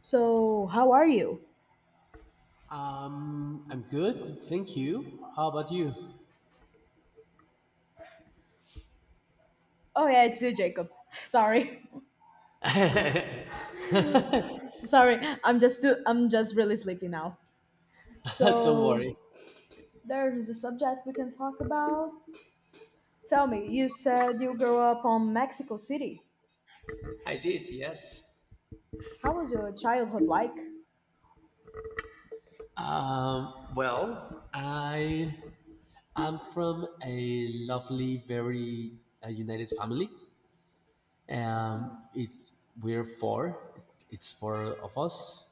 So, how are you? I'm good, thank you. How about you? Oh yeah, it's you, Jacob. Sorry, sorry. I'm just really sleepy now. Don't So, worry. there is a subject we can talk about. Tell me, you said you grew up on Mexico City. I did, yes. How was your childhood like? Well, I am from a lovely, very united family. It We're four. It's four of us.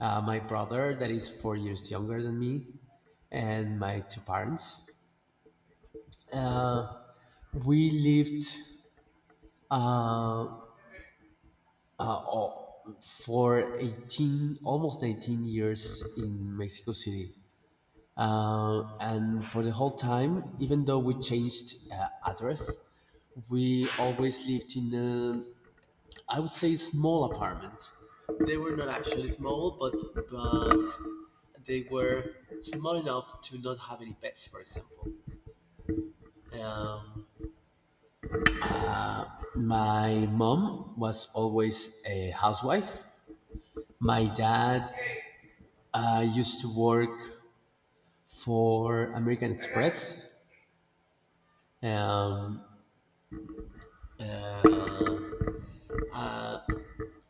My brother, that is 4 years younger than me, and my two parents. Uh, we lived uh, uh, oh, for 18, almost 18 years in Mexico City, and for the whole time, even though we changed address, we always lived in a, I would say, small apartment. They were not actually small, but but they were small enough to not have any pets, for example. um, my mom was always a housewife. My dad used to work for American Express. Um,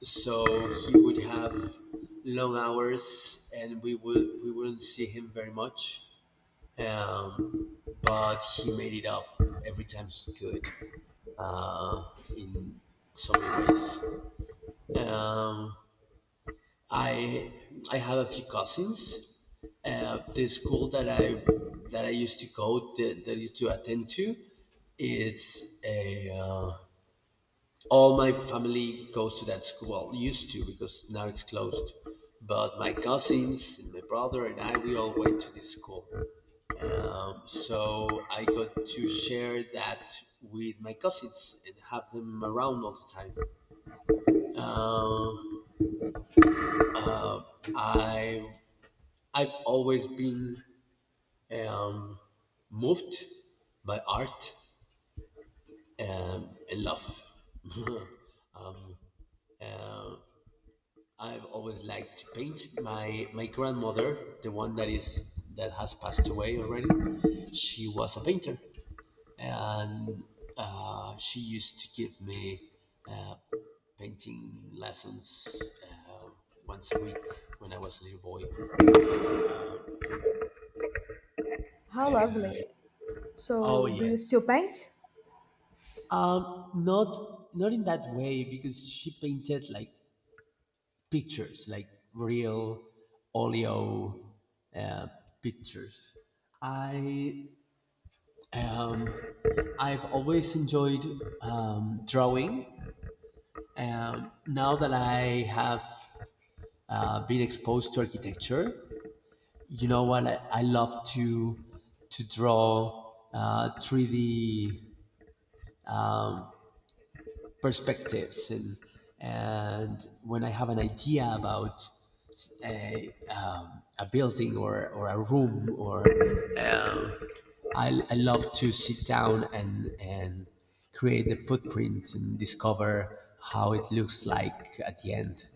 so he would have long hours, and we wouldn't see him very much. Um, but he made it up every time he could, uh, in so many ways. Um, I I have a few cousins. The school that I used to go, that, that I used to attend to, it's a all my family goes to that school. Well, used to, because now it's closed. But my cousins and my brother and I, we all went to this school. So I got to share that with my cousins and have them around all the time. Um, I I've always been um, moved by art and love. I've always liked to paint. My grandmother, the one that has passed away already, she was a painter, and she used to give me uh, painting lessons once a week when I was a little boy. How lovely. Oh, So, do you still yes. paint? Not in that way, because she painted like pictures, like real oleo uh, pictures. I Um, I've always enjoyed drawing. Now that I have been exposed to architecture, you know what? I love to draw 3D perspectives, and when I have an idea about a building, or a room, or um, I love to sit down and create the footprint and discover how it looks like at the end.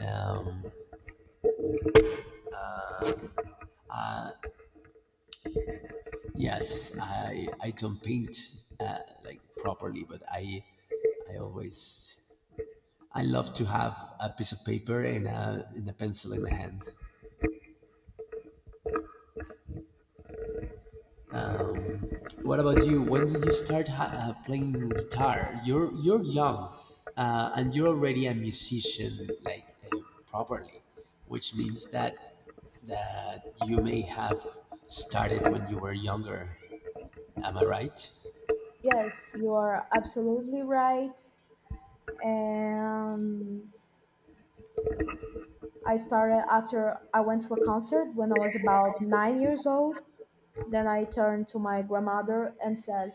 Um, yes I, I don't paint uh, like properly, but I always — I love to have a piece of paper and a pencil in my hand. What about you? When did you start playing guitar? You're young, and you're already a musician, like properly, which means that you may have started when you were younger. Am I right? Yes, you are absolutely right. And I started after I went to a concert when I was about 9 years old. Then I turned to my grandmother and said,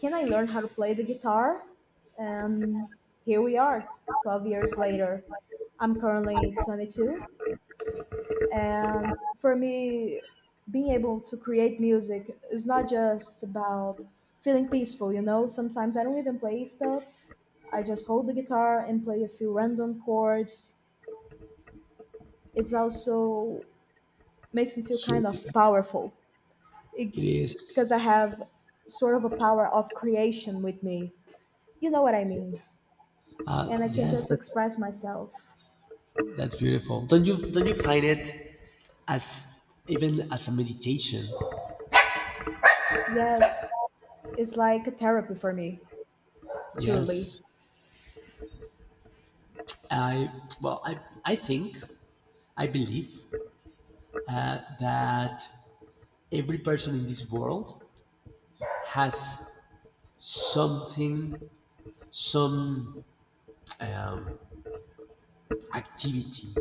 can I learn how to play the guitar? And here we are, 12 years later. I'm currently 22. And for me, being able to create music is not just about feeling peaceful, you know? Sometimes I don't even play stuff, I just hold the guitar and play a few random chords. It's also makes me feel kind of Here powerful it because I is. have sort of a power of creation with me. You know what I Yeah. mean? And I can Yes, just that's express myself. Beautiful. Don't you find it as even as a meditation? Yes, it's like a therapy for me, truly. Yes, I well, I I think — I believe that every person in this world has something, some activity,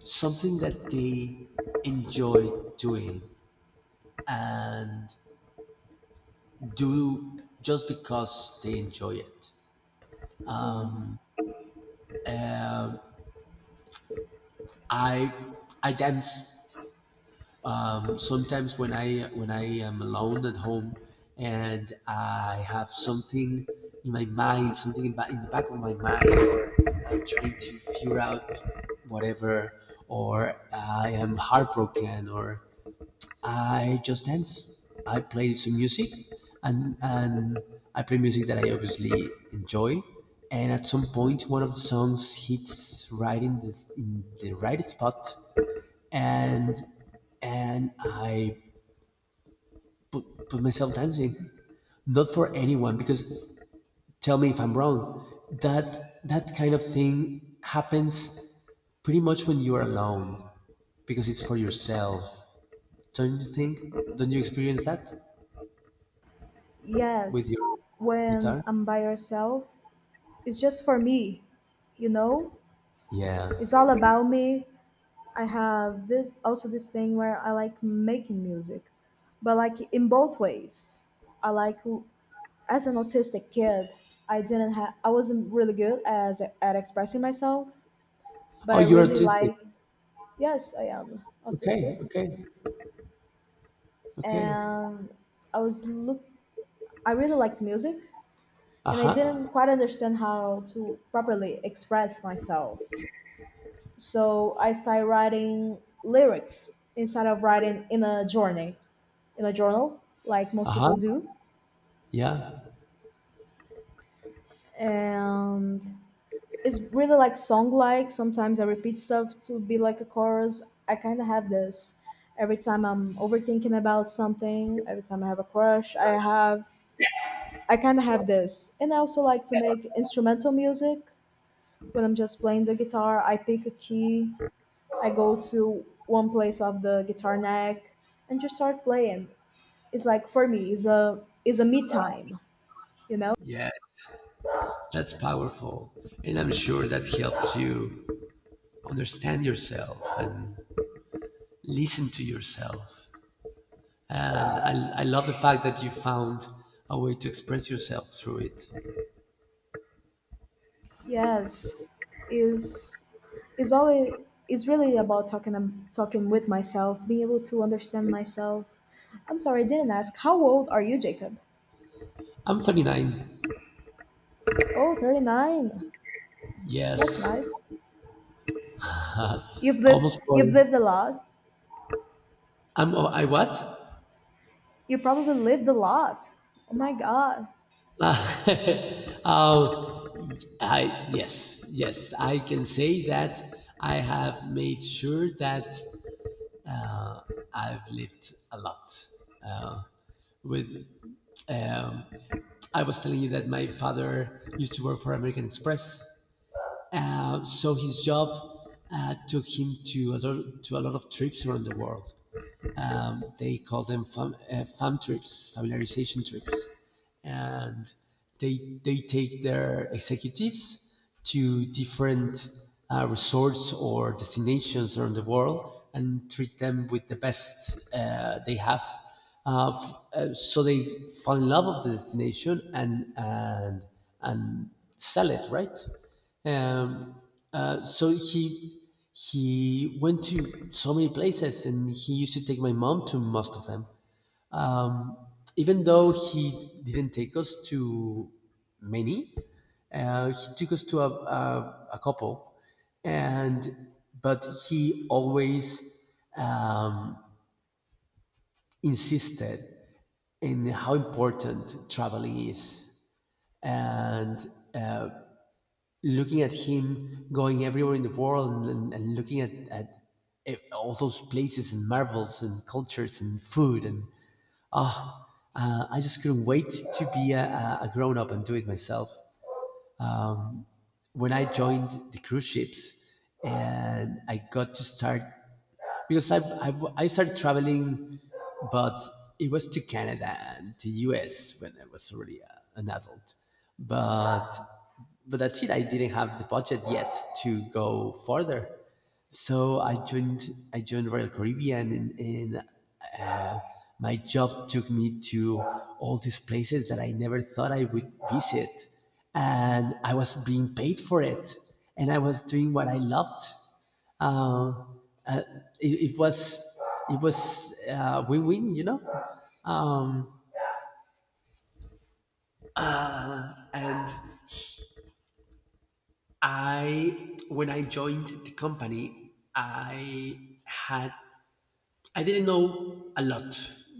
something that they enjoy doing, and do just because they enjoy it. So, I I dance sometimes when I am alone at home, and I have something in my mind, something in, in the back of my mind, or I'm trying to figure out whatever, or I am heartbroken, or I just dance. I play some music, and I play music that I obviously enjoy. And at some point, one of the songs hits right in the right spot, and and I put myself dancing, not for anyone. Because — tell me if I'm wrong. That kind of thing happens pretty much when you are alone, because it's for yourself. Don't you think? Don't you experience that? With yes, your when guitar? I'm by yourself, it's just for me, you know? Yeah. It's all about me. I have this also this thing where I like making music, but like in both ways. I like w- as an autistic kid, I didn't have I wasn't really good as at expressing myself, but Oh, I you're really artistic. like yes, I am autistic. Okay, okay, okay. And I was look I really liked music and I Uh-huh. didn't quite understand how to properly express myself. So I started writing lyrics instead of writing in a journal, like most Uh-huh. people do. Yeah. And it's really like song like. Sometimes I repeat stuff to be like a chorus. I kind of have this every time I'm overthinking about something, every time I have a crush, I kind of have this. And I also like to make instrumental music when I'm just playing the guitar. I pick a key, I go to one place of the guitar neck and just start playing. It's like for me, it's a me time, you know? Yes, that's powerful. And I'm sure that helps you understand yourself and listen to yourself. I love the fact that you found a way to express yourself through it. Yes, is is always is really about talking talking with myself, being able to understand myself. I'm sorry, I didn't ask. How old are you, Jacob? I'm 39. Oh, 39. That's Yes, nice. You've lived almost you've 40. lived a lot. I'm, oh, I what? You probably lived a lot. Oh my God. Uh, I yes, yes, I can say that I have made sure that I've lived a lot. Uh, with um, I was telling you that my father used to work for American Express, so his job took him to a lot of trips around the world. They call them fam, fam trips, familiarization trips, and they take their executives to different resorts or destinations around the world and treat them with the best they have. So they fall in love with the destination, and and sell it, right? Um, so he went to so many places, and he used to take my mom to most of them. Um, Even though he didn't take us to many, he took us to a, a couple, and — but he always um, insisted in how important traveling is, and looking at him going everywhere in the world, and, and looking at all those places and marvels and cultures and food and ah, I just couldn't wait to be a grown up and do it myself when I joined the cruise ships and I got to start, because I started traveling, but it was to Canada and to US when I was already a, an adult. But that's it. I didn't have the budget yet to go further, so I joined Royal Caribbean, and my job took me to all these places that I never thought I would visit. And I was being paid for it. And I was doing what I loved. Uh, uh, it was — it was win-win, you know. Um, and when I joined the company, I had — I didn't know a lot,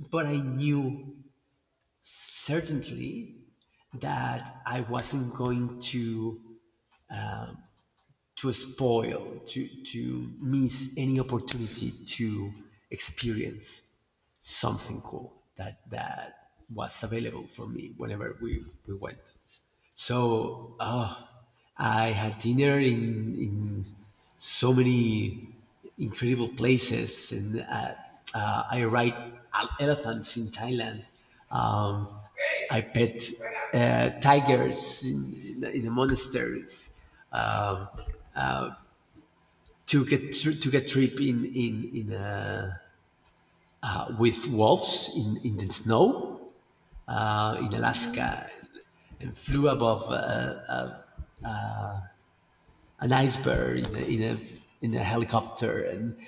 but I knew certainly that I wasn't going to to miss any opportunity to experience something cool that was available for me whenever we went. So I had dinner in so many incredible places, and I ride elephants in Thailand. Um, I pet tigers in, in the monasteries. Um, to get trip in with wolves in the snow in Alaska, and flew above an iceberg in a helicopter, and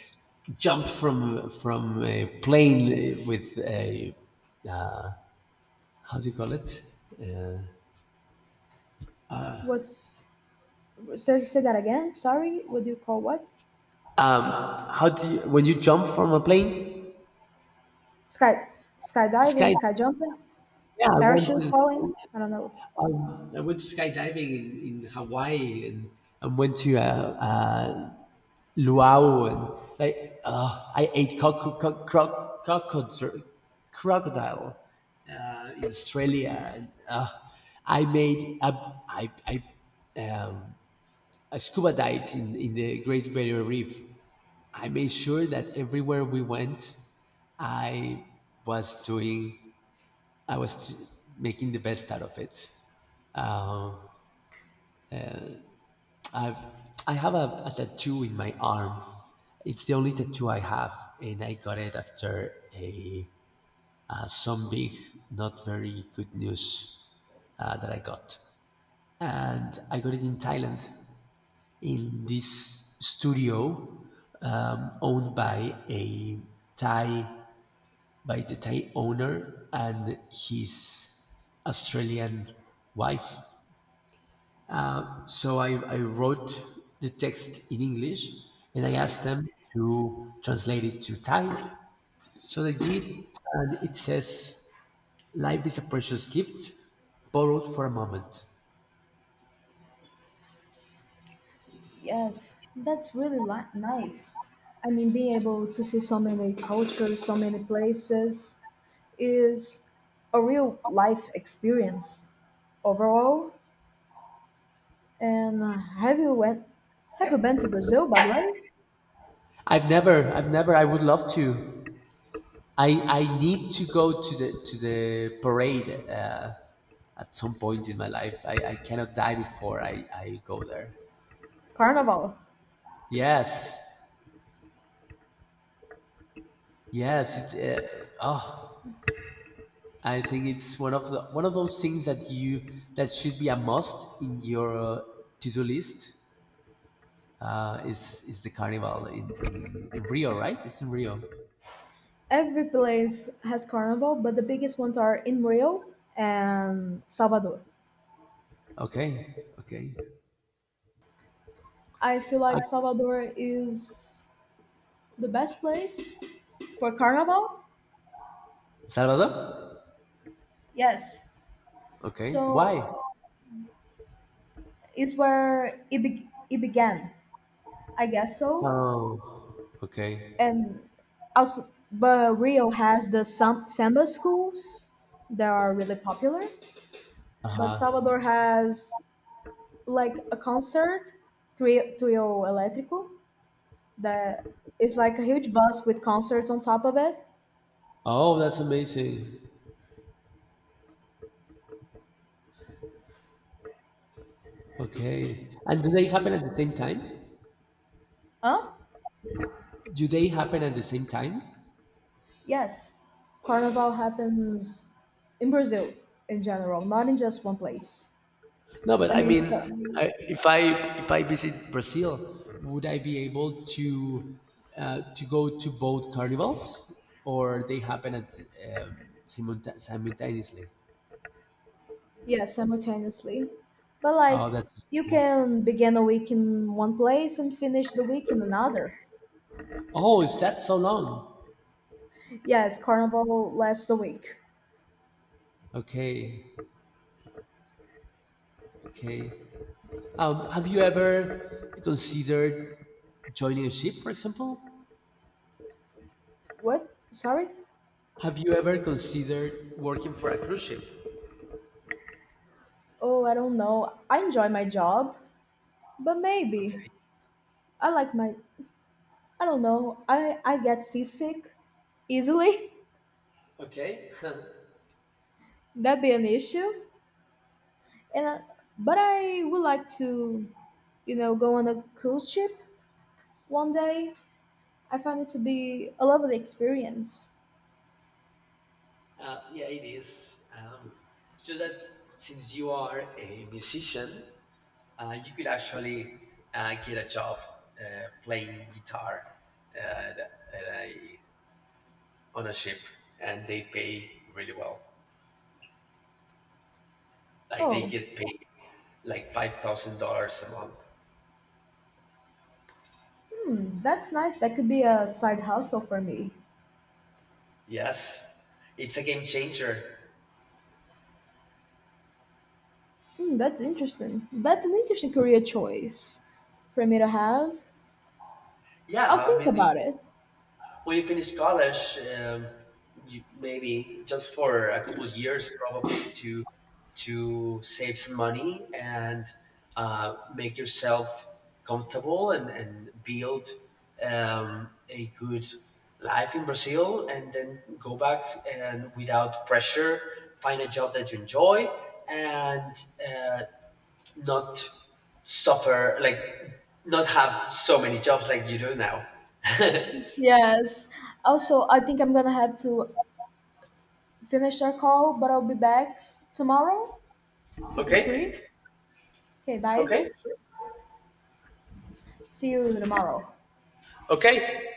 jumped from a plane with a — how do you call it? Uh, What's say, say that again? Sorry, what do you call what? how do you, when you jump from a plane? Sky skydiving, Sky. sky jumping, Yeah, I went parachute falling. to I don't know. Skydiving in Hawaii, and went to a luau, and like I ate crocodile crocodile in Australia. And, I made a, I, I, a scuba dive in the Great Barrier Reef. I made sure that everywhere we went, I was doing, I was t- making the best out of it. Um, I've, I have a tattoo in my arm. It's the only tattoo I have, and I got it after a some big, not very good news that I got. And I got it in Thailand, in this studio owned by a Thai, by the Thai owner and his Australian wife. So I wrote the text in English, and I asked them to translate it to Thai. So they did, and it says: Life is a precious gift borrowed for a moment. Yes, that's really li- nice. I mean, being able to see so many cultures, so many places is a real life experience overall. And have you went? Have you been to Brazil, by the way? I've never. I would love to. I need to go to the parade at some point in my life. I cannot die before I go there. Carnival. Yes, yes. It, oh, I think it's one of the one of those things that you — that should be a must in your to do list. Is the carnival in Rio, right? It's in Rio. Every place has carnival, but the biggest ones are in Rio and Salvador. Okay, okay. I feel like Salvador is the best place for carnival. Salvador? Yes. Okay. Why? So is where it, be- it began, I guess so. Oh, okay. And also, but Rio has the sam- samba schools that are really popular. Uh But huh. Salvador has like a concert, Trio, Trio Elétrico, that is like a huge bus with concerts on top of it. Oh, that's amazing. Okay. And do they happen at the same time? Huh? Do they happen at the same time? Yes. Carnival happens in Brazil in general, not in just one place. No, but I I mean, mean, it's a, if I visit Brazil, would I be able to go to both carnivals, or they happen at um, simultaneously? yeah, simultaneously. But Oh, like that's — you can begin a week in one place and finish the week in another. oh, is that so long? Yes, carnival lasts a week. Okay, okay. Have you ever considered joining a ship, for example? What? Sorry? Have you ever considered working for a cruise ship? Oh, I don't know. I enjoy my job, but maybe Okay. I like my I don't know. I get seasick easily. Okay. That'd be an issue. And I, but I would like to, you know, go on a cruise ship one day. I find it to be a lovely experience. Yeah, it is. It's just that since you are a musician, you could actually get a job playing guitar at a, on a ship, and they pay really well. Like they Oh, get paid like $5,000 a month. hmm, that's nice. That could be a side hustle for me. Yes, it's a game changer. Hmm, that's interesting. That's an interesting career choice for me to have. I'll Yeah, I think mean, about it. when you finish college, you, maybe just for a couple of years, probably to save some money and make yourself comfortable and build a good life in Brazil, and then go back and without pressure, find a job that you enjoy and uh, not suffer like — not have so many jobs like you do now. Yes. Also, I think I'm gonna have to finish our call, but I'll be back tomorrow if you're free. Okay. Okay, bye. Okay. See you tomorrow. Okay.